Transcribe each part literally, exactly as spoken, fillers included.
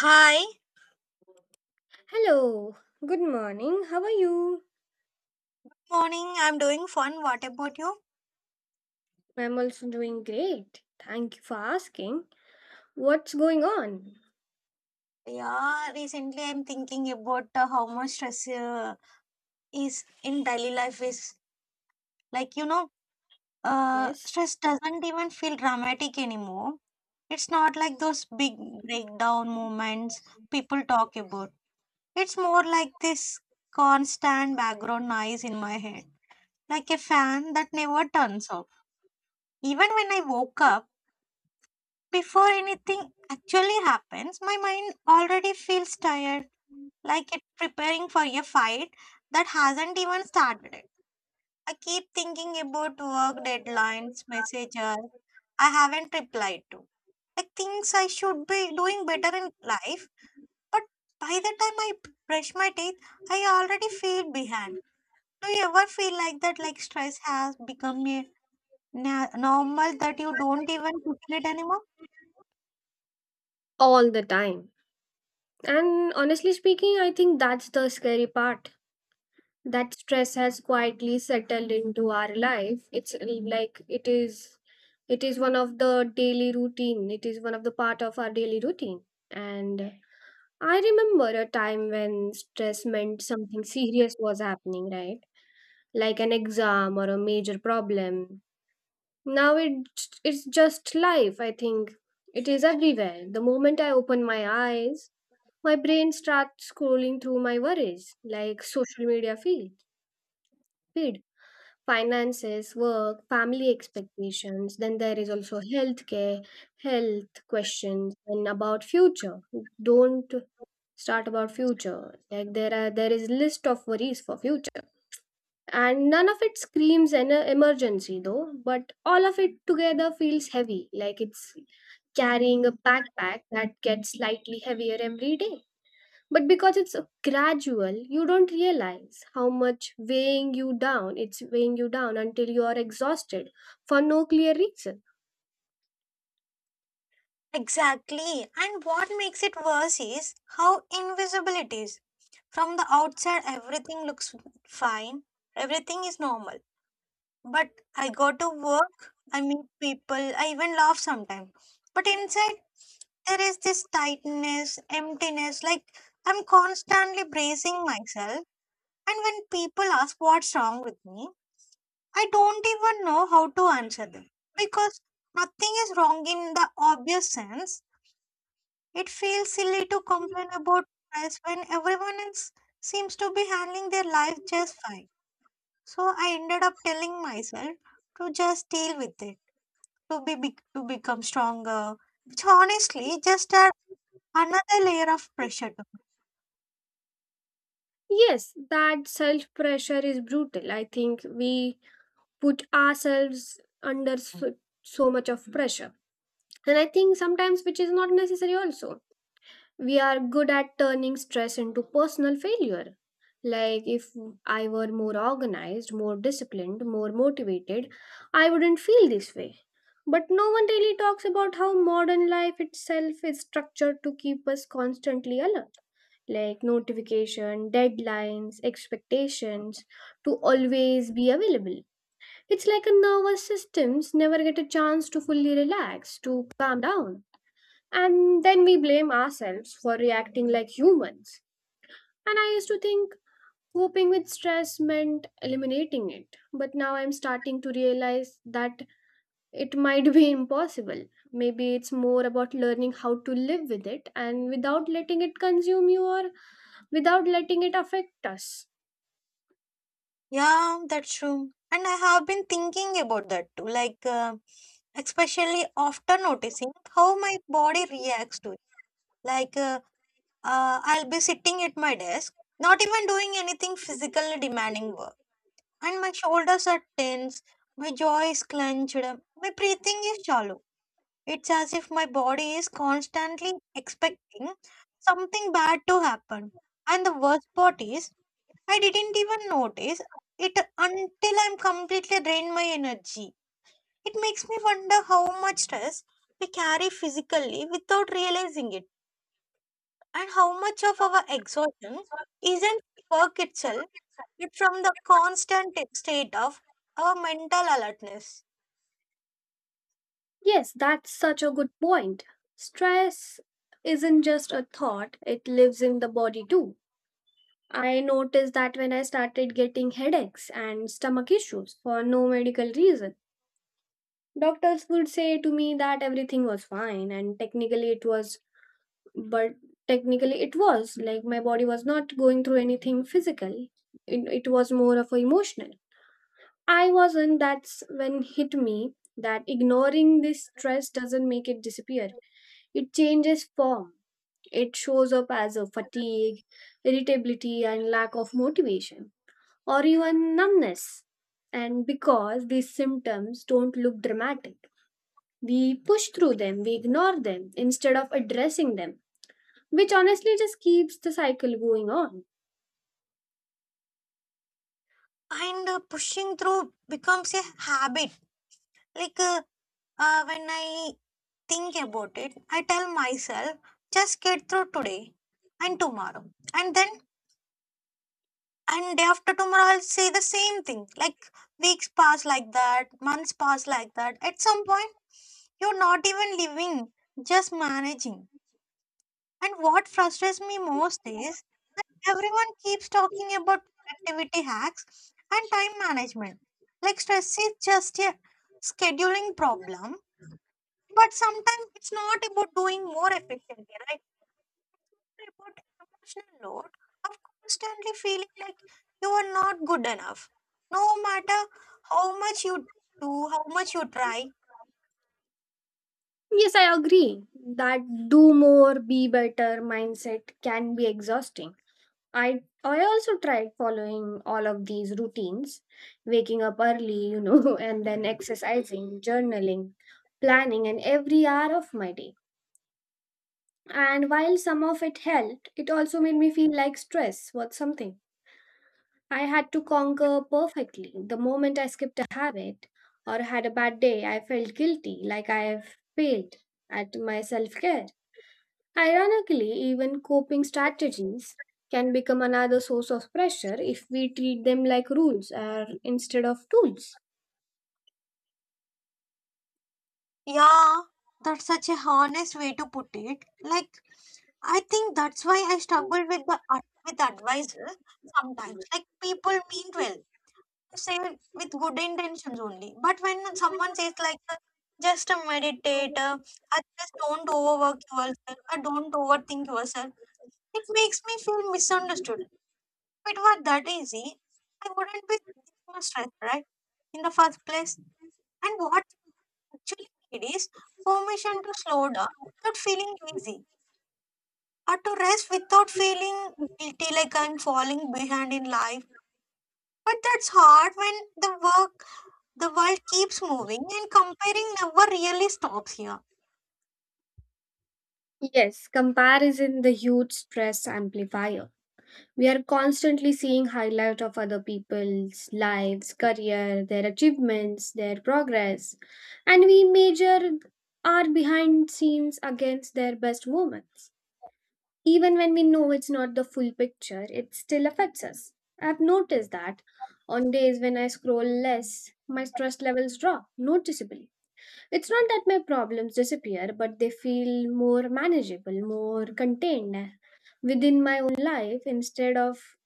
Hi, Hello, good morning. How are you? morning. I'm doing fun. What about you? I'm also doing great. Thank you for asking. What's going on? Yeah, recently I'm thinking about uh, how much stress uh, is in daily life is like you know, uh, Yes, stress doesn't even feel dramatic anymore. It's not like those big breakdown moments people talk about. It's more like this constant background noise in my head, like a fan that never turns off. Even when I woke up. Before anything actually happens, my mind already feels tired, like it's preparing for a fight that hasn't even started. I keep thinking about work deadlines, messages I haven't replied to, like things I should be doing better in life. But by the time I brush my teeth, I already feel behind. Do you ever feel like that? Like stress has become a na- normal that you don't even feel it anymore? all the time. And honestly speaking, I think that's the scary part. That stress has quietly settled into our life. It's like it is it is one of the daily routine. It is one of the part of our daily routine. And I remember a time when stress meant something serious was happening, right? Like an exam or a major problem. Now it's, it's just life, I think. It is everywhere. The moment I open my eyes, my brain starts scrolling through my worries, like social media feed, feed finances, work, family expectations. Then there is also healthcare, health questions, and about future. Don't start about future. Like there are there is list of worries for future. And none of it screams an emergency though, but all of it together feels heavy, like it's carrying a backpack that gets slightly heavier every day. But because it's gradual, you don't realize how much weighing you down, it's weighing you down until you are exhausted for no clear reason. Exactly. And what makes it worse is how invisible it is. From the outside, everything looks fine, everything is normal. But I go to work, I meet people, I even laugh sometimes. But inside, there is this tightness, emptiness, like I'm constantly bracing myself. And when people ask what's wrong with me, I don't even know how to answer them because nothing is wrong in the obvious sense, it feels silly to complain about stress when everyone else seems to be handling their life just fine. So I ended up telling myself to just deal with it, to be, be to become stronger, which honestly just add another layer of pressure to Yes, that self pressure is brutal. I think we put ourselves under me. so, so much of pressure. And I think sometimes which is not necessary also, we are good at turning stress into personal failure. Like, if I were more organized, more disciplined, more motivated, I wouldn't feel this way. But no one really talks about how modern life itself is structured to keep us constantly alert, like notification deadlines expectations to always be available. It's like a nervous systems never get a chance to fully relax, to calm down, and then we blame ourselves for reacting like humans. And I used to think coping with stress meant eliminating it. But now I'm starting to realize that it might be impossible. Maybe it's more about learning how to live with it and without letting it consume you or without letting it affect us. Yeah, that's true. And I have been thinking about that too, like uh, especially after noticing how my body reacts to it. Like uh, uh, I'll be sitting at my desk, not even doing anything physically demanding work. And my shoulders are tense, my jaw is clenched, my breathing is shallow. It's as if my body is constantly expecting something bad to happen. And the worst part is, I didn't even notice it until I'm completely drained my energy. It makes me wonder how much stress we carry physically without realizing it. And how much of our exhaustion isn't work itself, but from the constant state of our mental alertness. Yes, that's such a good point. Stress isn't just a thought, it lives in the body too. I noticed that when I started getting headaches and stomach issues for no medical reason. Doctors would say to me that everything was fine and technically it was, but technically it was like my body was not going through anything physical. It, it was more of a emotional. I wasn't that's when hit me that ignoring this stress doesn't make it disappear. It changes form. It shows up as a fatigue, irritability and lack of motivation or even numbness. And because these symptoms don't look dramatic, we push through them, we ignore them instead of addressing them, which honestly just keeps the cycle going on. And uh, pushing through becomes a habit. Like uh, uh, when I think about it, I tell myself, just get through today and tomorrow. And then, and day after tomorrow, I'll say the same thing. Like weeks pass like that, months pass like that. At some point, you're not even living, just managing. And what frustrates me most is that everyone keeps talking about productivity hacks and time management. Like stress is just a scheduling problem, but sometimes it's not about doing more efficiently, right? It's about emotional load of constantly feeling like you are not good enough. No matter how much you do, how much you try, Yes, I agree that do more, be better mindset can be exhausting. I I also tried following all of these routines, waking up early, you know, and then exercising, journaling, planning, and every hour of my day. And while some of it helped, it also made me feel like stress was something I had to conquer perfectly. The moment I skipped a habit or had a bad day, I felt guilty, like I have failed at my self care. Ironically, even coping strategies can become another source of pressure if we treat them like rules or instead of tools. yeah, that's such a honest way to put it. Like, I think that's why I struggle with the ad- with advisors sometimes. Like, people mean well, say with good intentions only. But when someone says like, uh, just uh, meditate, uh, uh, just don't overwork yourself, or don't overthink yourself, it makes me feel misunderstood. If it were that easy, I wouldn't be this much stressed, right? In the first place. And what actually it is permission to slow down without feeling lazy or to rest without feeling guilty like I'm falling behind in life. But that's hard when the work, the world keeps moving and comparing never really stops here. Yes, comparison the huge stress amplifier. We are constantly seeing highlight of other people's lives, career, their achievements, their progress, and we measure our behind scenes against their best moments. Even when we know it's not the full picture, it still affects us. I've noticed that on days when I scroll less, my stress levels drop noticeably. It's not that my problems disappear, but they feel more manageable, more contained within my own life instead of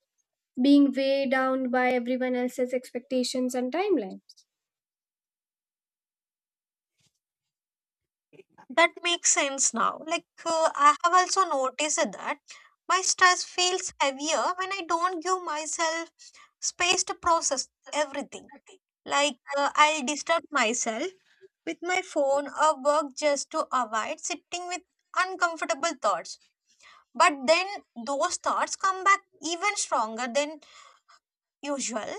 being weighed down by everyone else's expectations and timelines. That makes sense now. Like, uh, I have also noticed that my stress feels heavier when I don't give myself space to process everything. Like, uh, I'll disturb myself with my phone or work just to avoid sitting with uncomfortable thoughts. But then those thoughts come back even stronger than usual.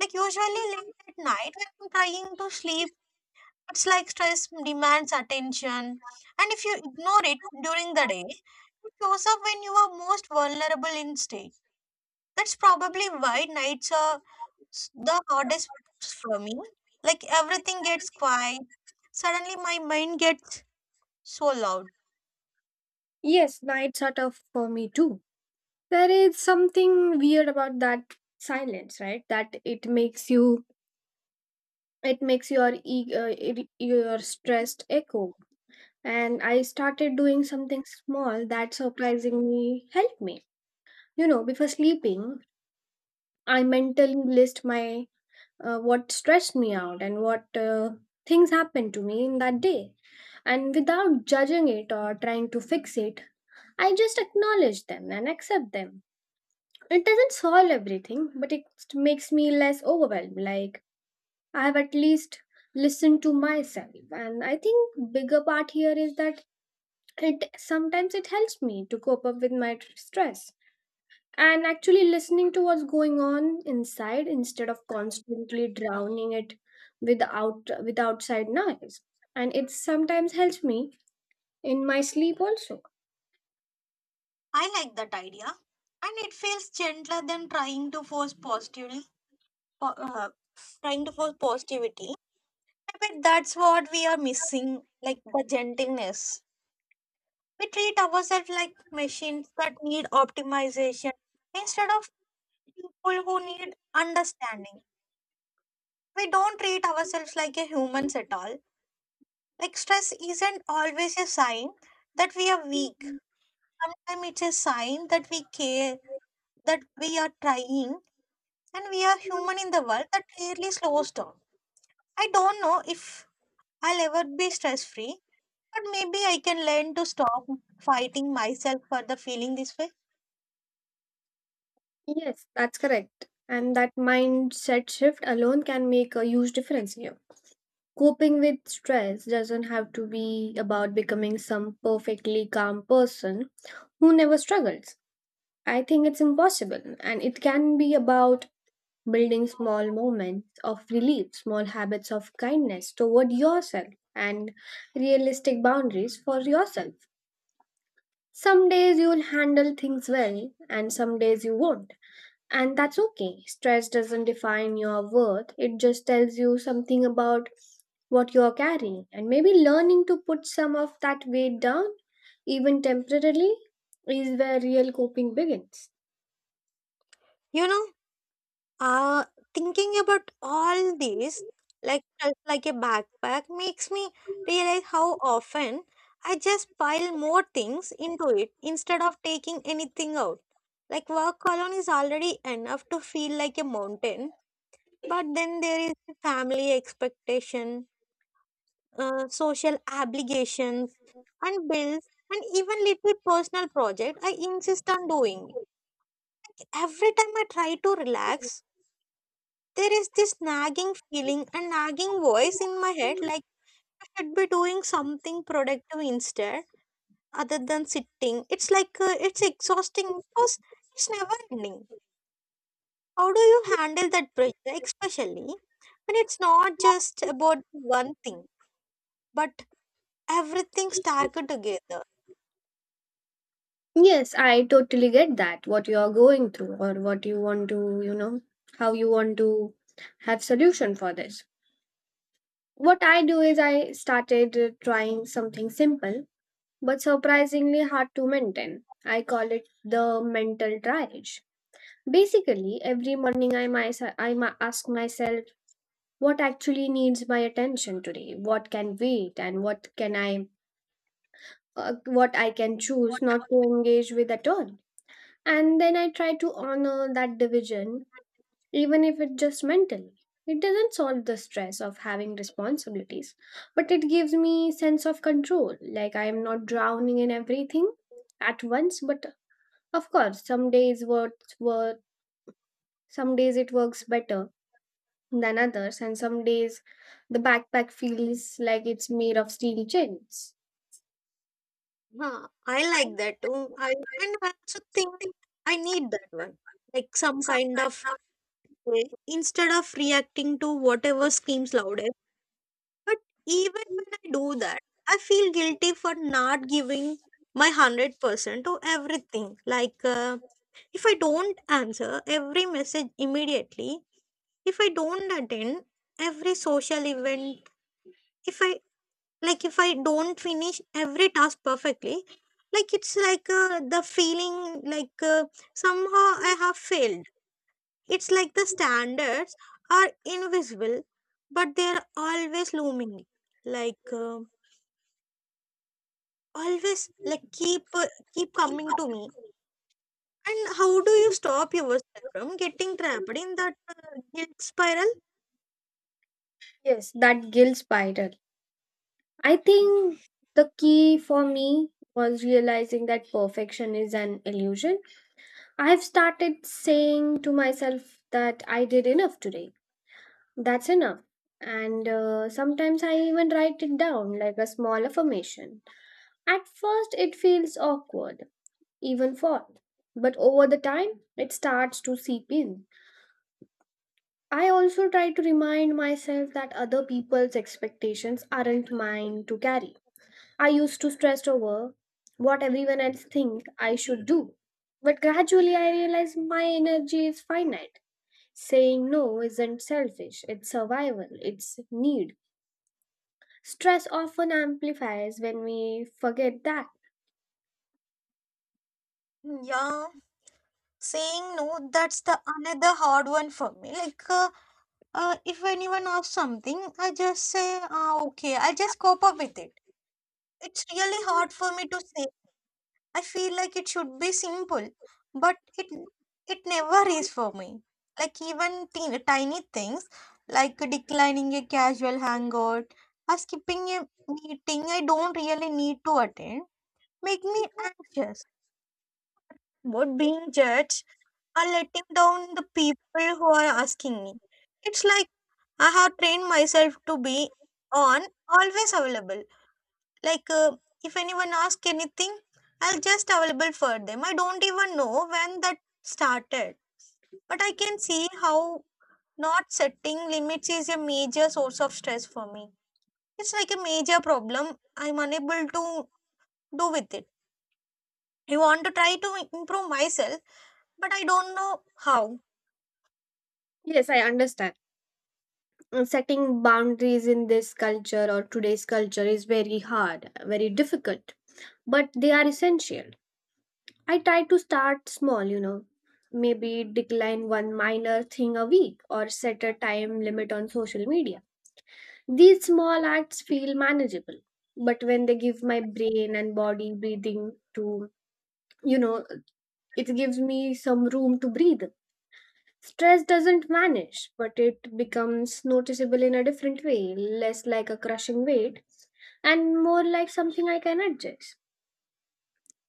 Like usually late at night when I'm trying to sleep, it's like stress demands attention. And if you ignore it during the day, it shows up when you are most vulnerable in state. That's probably why nights are s- the hardest for me. Like everything gets quiet. Suddenly my mind gets so loud. Yes, nights are tough for me too. There is something weird about that silence, right? That it makes you it makes your e- uh, ir- your stressed echo. And I started doing something small that surprisingly helped me. You know, before sleeping, I mentally list my uh, what stressed me out and what uh, things happened to me in that day. And without judging it or trying to fix it, I just acknowledge them and accept them. It doesn't solve everything, but it makes me less overwhelmed. Like, I have at least listened to myself. And I think bigger part here is that it sometimes it helps me to cope up with my tr- stress. And actually listening to what's going on inside instead of constantly drowning it with out with outside noise. And it sometimes helps me in my sleep also. I like that idea, and it feels gentler than trying to force positively, po- uh, trying to force positivity. I bet that's what we are missing, like the gentleness. We treat ourselves like machines that need optimization instead of people who need understanding. We don't treat ourselves like a humans at all. Like stress isn't always a sign that we are weak. Sometimes it's a sign that we care, that we are trying and we are human in the world that really slows down. I don't know if I'll ever be stress free, but maybe I can learn to stop fighting myself for the feeling this way. Yes, that's correct. And that mindset shift alone can make a huge difference here. Coping with stress doesn't have to be about becoming some perfectly calm person who never struggles. I think it's impossible. And it can be about building small moments of relief, small habits of kindness toward yourself, and realistic boundaries for yourself. Some days you'll handle things well, and some days you won't. And that's okay. Stress doesn't define your worth, it just tells you something about what you're carrying. And maybe learning to put some of that weight down, even temporarily, is where real coping begins. You know, uh, thinking about all this, like like a backpack, makes me realize how often I just pile more things into it instead of taking anything out. Like work alone is already enough to feel like a mountain, but then there is the family expectation, uh, social obligations and bills and even little personal project I insist on doing. Every time I try to relax, there is this nagging feeling and nagging voice in my head like I should be doing something productive instead, other than sitting. It's like uh, it's exhausting because it's never ending. How do you handle that pressure, especially when it's not just about one thing but everything stacked together? Yes, I totally get that, what you are going through or what you want to, you know, how you want to have solution for this. What I do is I started uh, trying something simple but surprisingly hard to maintain. I call it the mental triage. Basically, every morning I, myself, I ma- ask myself what actually needs my attention today, what can wait, and what can I, uh, what I can choose not to engage with at all. And then I try to honor that division, even if it's just mentally. It doesn't solve the stress of having responsibilities, but it gives me sense of control, like I am not drowning in everything at once. But of course, some days worth work. Some days it works better than others, and some days the backpack feels like it's made of steel chains. Huh, I like that too. I and I also think I need that one. Like some kind of way, instead of reacting to whatever screams loudest. But even when I do that, I feel guilty for not giving my one hundred percent to everything. Like uh, if I don't answer every message immediately, if I don't attend every social event, if I like if I don't finish every task perfectly, like it's like uh, the feeling like uh, somehow I have failed. It's like the standards are invisible but they are always looming, like uh, always like keep uh, keep coming to me. And how do you stop yourself from getting trapped in that uh, guilt spiral? Yes, that guilt spiral. I think the key for me was realizing that perfection is an illusion. I've started saying to myself that I did enough today. That's enough. And uh, sometimes I even write it down like a small affirmation. At first, it feels awkward, even odd, but over the time, it starts to seep in. I also try to remind myself that other people's expectations aren't mine to carry. I used to stress over what everyone else think I should do. But gradually I realized my energy is finite. Saying no isn't selfish, it's survival, it's need. Stress often amplifies when we forget that. Yeah, saying no, that's the another hard one for me like uh, Uh, if anyone asks something, I just say, ah, okay, I just cope up with it. It's really hard for me to say. I feel like it should be simple, but it it never is for me. Like even teen tiny things, like declining a casual hangout or skipping a meeting I don't really need to attend, make me anxious about being judged or letting down the people who are asking me. It's like I have trained myself to be on always available. Like uh, if anyone asks anything, I'll just available for them. I don't even know when that started, but I can see how not setting limits is a major source of stress for me. It's like a major problem. I'm unable to do with it. I want to try to improve myself, but I don't know how. Yes, I understand. Uh, Setting boundaries in this culture or today's culture is very hard, very difficult, but they are essential. I try to start small, you know, maybe decline one minor thing a week or set a time limit on social media. These small acts feel manageable, but when they give my brain and body breathing to, you know, it gives me some room to breathe. Stress doesn't vanish, but it becomes noticeable in a different way, less like a crushing weight and more like something I can adjust,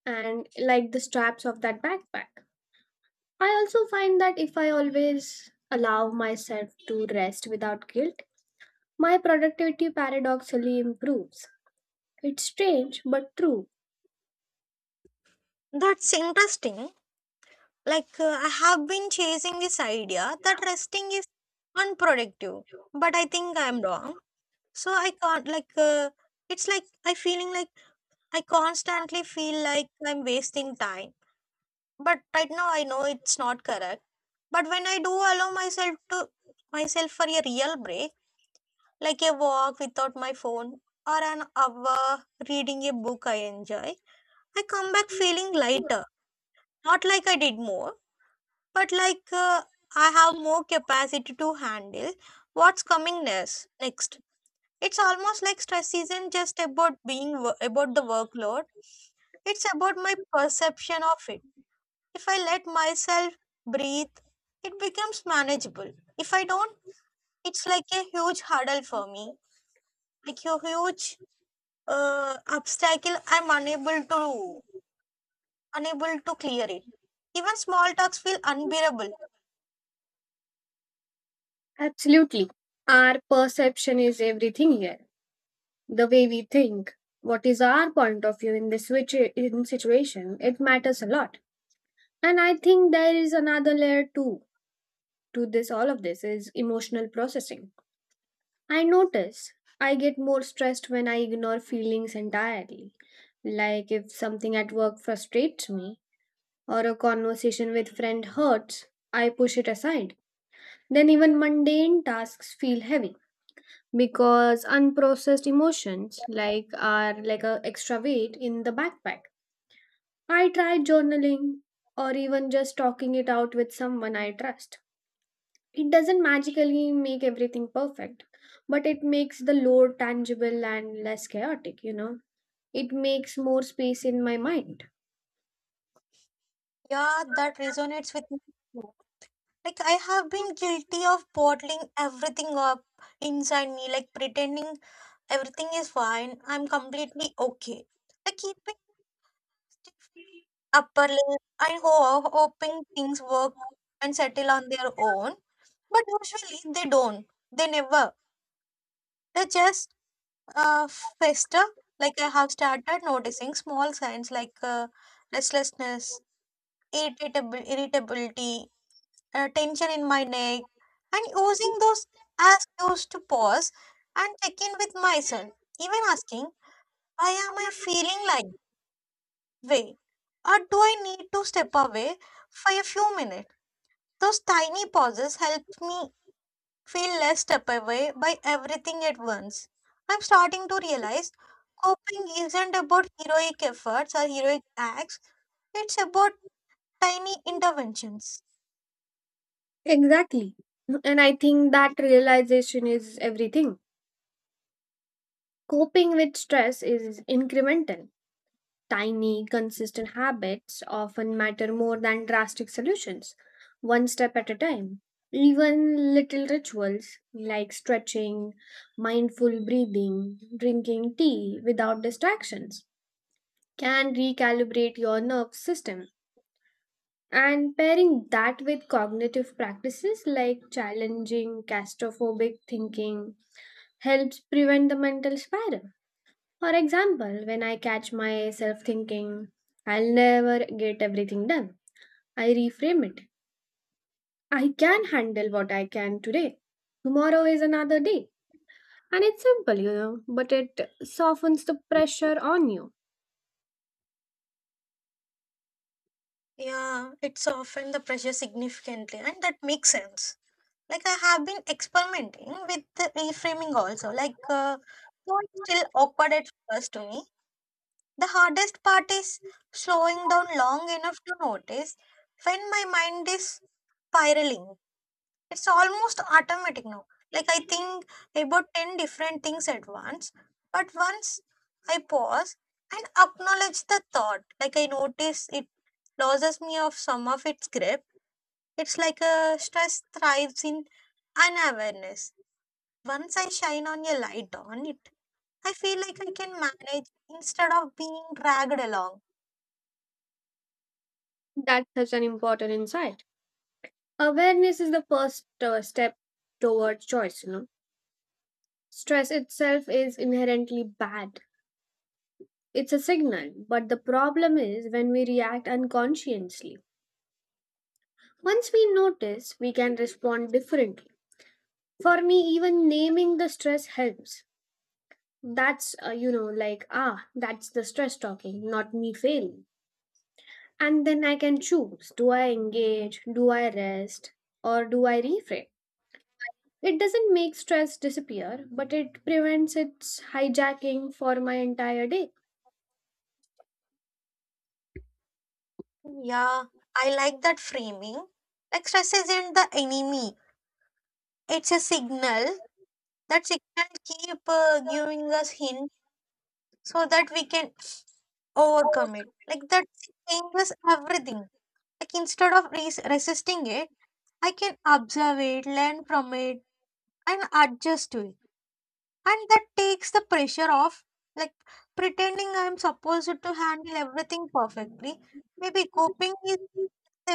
and like the straps of that backpack. I also find that if I always allow myself to rest without guilt, my productivity paradoxically improves. It's strange but true. That's interesting. Like, uh, I have been chasing this idea that resting is unproductive, but I think I'm wrong. So I can't, like, uh, it's like I feeling like I constantly feel like I'm wasting time. But right now I know it's not correct. But when I do allow myself to myself for a real break, like a walk without my phone or an hour reading a book I enjoy, I come back feeling lighter, not like I did more, but like uh, I have more capacity to handle what's coming next. Next, it's almost like stress isn't just about being wo- about the workload. It's about my perception of it. If I let myself breathe, it becomes manageable. If I don't, it's like a huge hurdle for me, like a huge uh, obstacle. I'm unable to unable to clear it. Even small talks feel unbearable. Absolutely. Our perception is everything here. The way we think, what is our point of view in this situa- in situation, it matters a lot. And I think there is another layer too to this all of this is emotional processing. I notice I get more stressed when I ignore feelings entirely. Like if something at work frustrates me or a conversation with friend hurts, I push it aside. Then even mundane tasks feel heavy because unprocessed emotions like are like a extra weight in the backpack. I try journaling or even just talking it out with someone I trust. It doesn't magically make everything perfect, but it makes the load tangible and less chaotic, you know. It makes more space in my mind. Yeah, that resonates with me. Like I have been guilty of bottling everything up inside me, like pretending everything is fine, I'm completely okay, like keeping stiff upper lip and ho- hoping things work and settle on their own. But usually they don't, they never, they just uh, fester. Like I have started noticing small signs like uh, restlessness, irritability irritability uh, tension in my neck, and using those as cues to pause and check in with myself, even asking, why am I feeling like this way? Or do I need to step away for a few minutes? Those tiny pauses help me feel less step away by everything at once. I'm starting to realize coping isn't about heroic efforts or heroic acts, it's about tiny interventions. Exactly. And I think that realization is everything. Coping with stress is incremental. Tiny, consistent habits often matter more than drastic solutions, one step at a time. Even little rituals like stretching, mindful breathing, drinking tea without distractions can recalibrate your nerve system. And pairing that with cognitive practices like challenging claustrophobic thinking helps prevent the mental spiral. For example, when I catch myself thinking, I'll never get everything done, I reframe it. I can handle what I can today. Tomorrow is another day. And it's simple, you know, but it softens the pressure on you. Yeah, it's often the pressure significantly, and that makes sense. Like I have been experimenting with the reframing also. Like uh, though it's still awkward at first to me, the hardest part is slowing down long enough to notice when my mind is spiraling. It's almost automatic now. Like I think about ten different things at once, but once I pause and acknowledge the thought, like I notice it loses me of some of its grip. It's like a stress thrives in unawareness. Once I shine on a light on it, I feel like I can manage instead of being dragged along. That's such an important insight. Awareness is the first uh, step towards choice, you know. Stress itself is inherently bad. It's a signal, but the problem is when we react unconsciously. Once we notice, we can respond differently. For me, even naming the stress helps. That's, uh, you know, like, ah, that's the stress talking, not me failing. And then I can choose do I engage, do I rest, or do I reframe? It doesn't make stress disappear, but it prevents its hijacking for my entire day. Yeah, I like that framing. Like stress isn't the enemy. It's a signal. That signal keep uh, giving us hint so that we can overcome it. Like that changes everything. Like instead of res- resisting it, I can observe it, learn from it, and adjust to it, and that takes the pressure off, like pretending I'm supposed to handle everything perfectly. Maybe coping is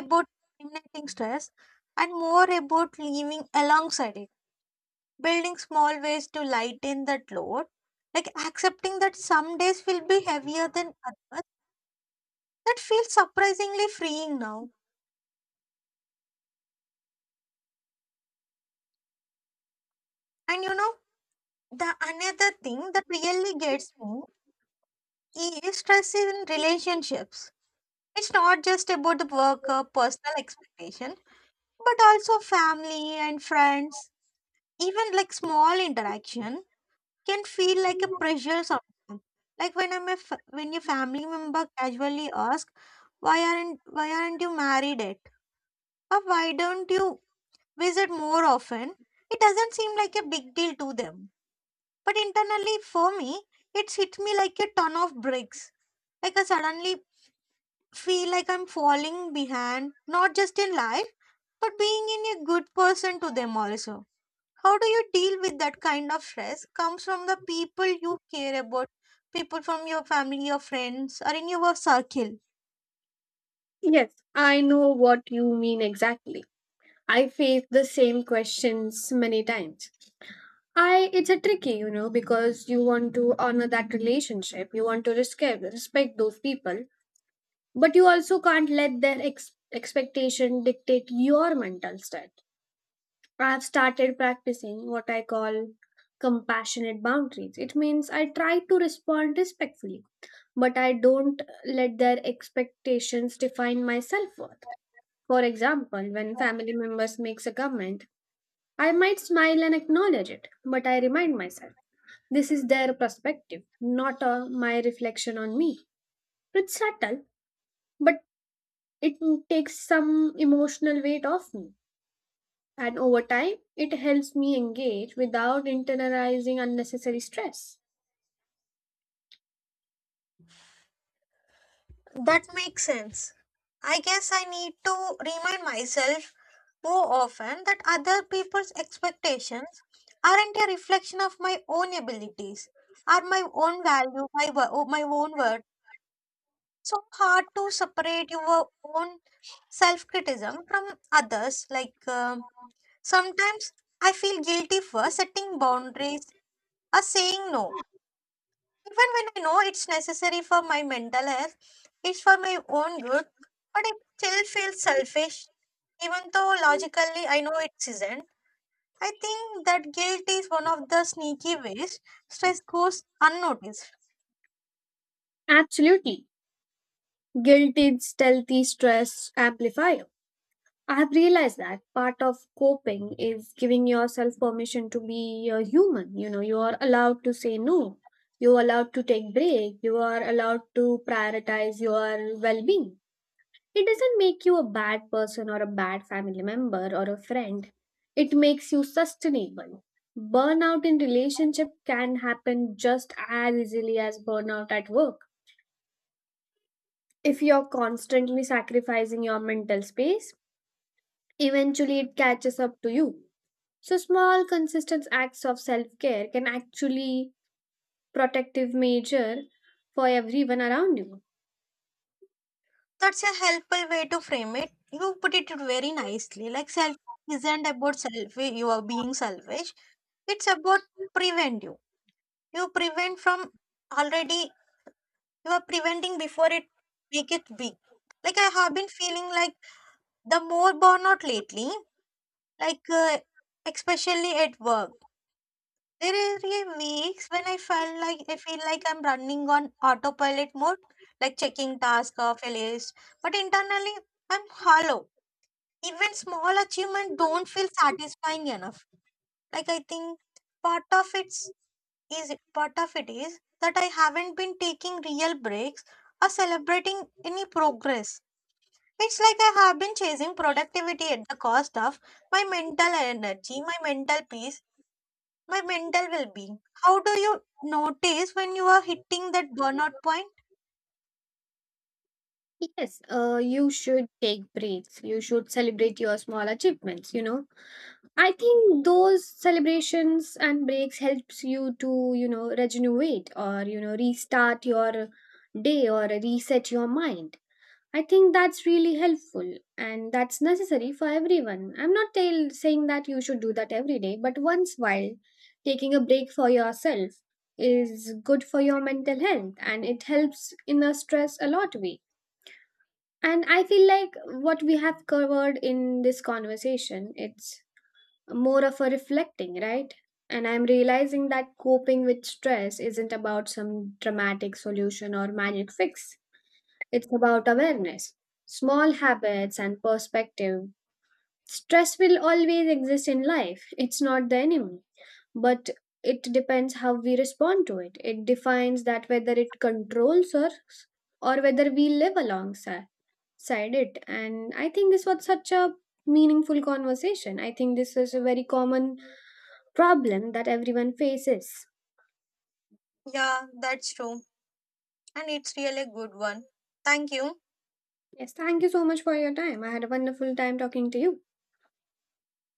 about eliminating stress and more about living alongside it, building small ways to lighten that load, like accepting that some days will be heavier than others. That feels surprisingly freeing now. And you know the another thing that really gets me is stress in relationships. It's not just about the work or personal expectation, but also family and friends. Even like small interaction can feel like a pressure sometimes. Like when I'm a f- when your family member casually asks, "Why aren't why aren't you married yet?" or "Why don't you visit more often?" It doesn't seem like a big deal to them, but internally for me, it's hit me like a ton of bricks. Like I suddenly feel like I'm falling behind, not just in life but being in a good person to them also. How do you deal with that kind of stress? Comes from the people you care about, people from your family, your friends, or in your circle. Yes, I know what you mean exactly. I face the same questions many times. I it's a tricky, you know, because you want to honor that relationship, you want to respect respect those people, but you also can't let their ex- expectation dictate your mental state. I've started practicing what I call compassionate boundaries. It means I try to respond respectfully, but I don't let their expectations define my self-worth. For example, when family members makes a comment, I might smile and acknowledge it, but I remind myself this is their perspective, not uh, my reflection on me. It's subtle, but it takes some emotional weight off me. And over time, it helps me engage without internalizing unnecessary stress. That makes sense. I guess I need to remind myself more often that other people's expectations aren't a reflection of my own abilities, are my own value, my, wo- my own worth. So hard to separate your own self criticism from others. Like um, sometimes I feel guilty for setting boundaries or saying no, even when I know it's necessary for my mental health, it's for my own good, but it still feels selfish, even though logically I know it isn't. I think that guilt is one of the sneaky ways stress goes unnoticed. Absolutely. Guilt is stealthy stress amplifier. I have realized that part of coping is giving yourself permission to be a human. You know, you are allowed to say no. You are allowed to take break. You are allowed to prioritize your well-being. It doesn't make you a bad person or a bad family member or a friend. It makes you sustainable. Burnout in relationship can happen just as easily as burnout at work. If you're constantly sacrificing your mental space, eventually it catches up to you. So small consistent acts of self-care can actually protective measure for everyone around you. That's a helpful way to frame it. You put it very nicely. Like self isn't about self, you are being selfish. It's about prevent you. You prevent from already, you are preventing before it make it big. Like I have been feeling like the more burnout lately, like uh, especially at work. There are weeks when I felt like I feel like I'm running on autopilot mode, like checking task off a list. But internally I'm hollow, even small achievement don't feel satisfying enough. Like I think part of it's is part of it is that I haven't been taking real breaks or celebrating any progress. It's like I have been chasing productivity at the cost of my mental energy, my mental peace, my mental well-being. How do you notice when you are hitting that burnout point? Yes, uh, you should take breaks. You should celebrate your small achievements, you know. I think those celebrations and breaks helps you to, you know, regenerate or, you know, restart your day or reset your mind. I think that's really helpful and that's necessary for everyone. I'm not tell, saying that you should do that every day, but once while taking a break for yourself is good for your mental health and it helps in a stress a lot way. And I feel like what we have covered in this conversation, it's more of a reflecting, right? And I'm realizing that coping with stress isn't about some dramatic solution or magic fix. It's about awareness, small habits, and perspective. Stress will always exist in life, it's not the enemy, but it depends how we respond to it. It defines that whether it controls us or whether we live alongside it. And I think this was such a meaningful conversation. I think this is a very common problem that everyone faces. Yeah, that's true, and it's really a good one. Thank you. Yes, thank you so much for your time. I had a wonderful time talking to you.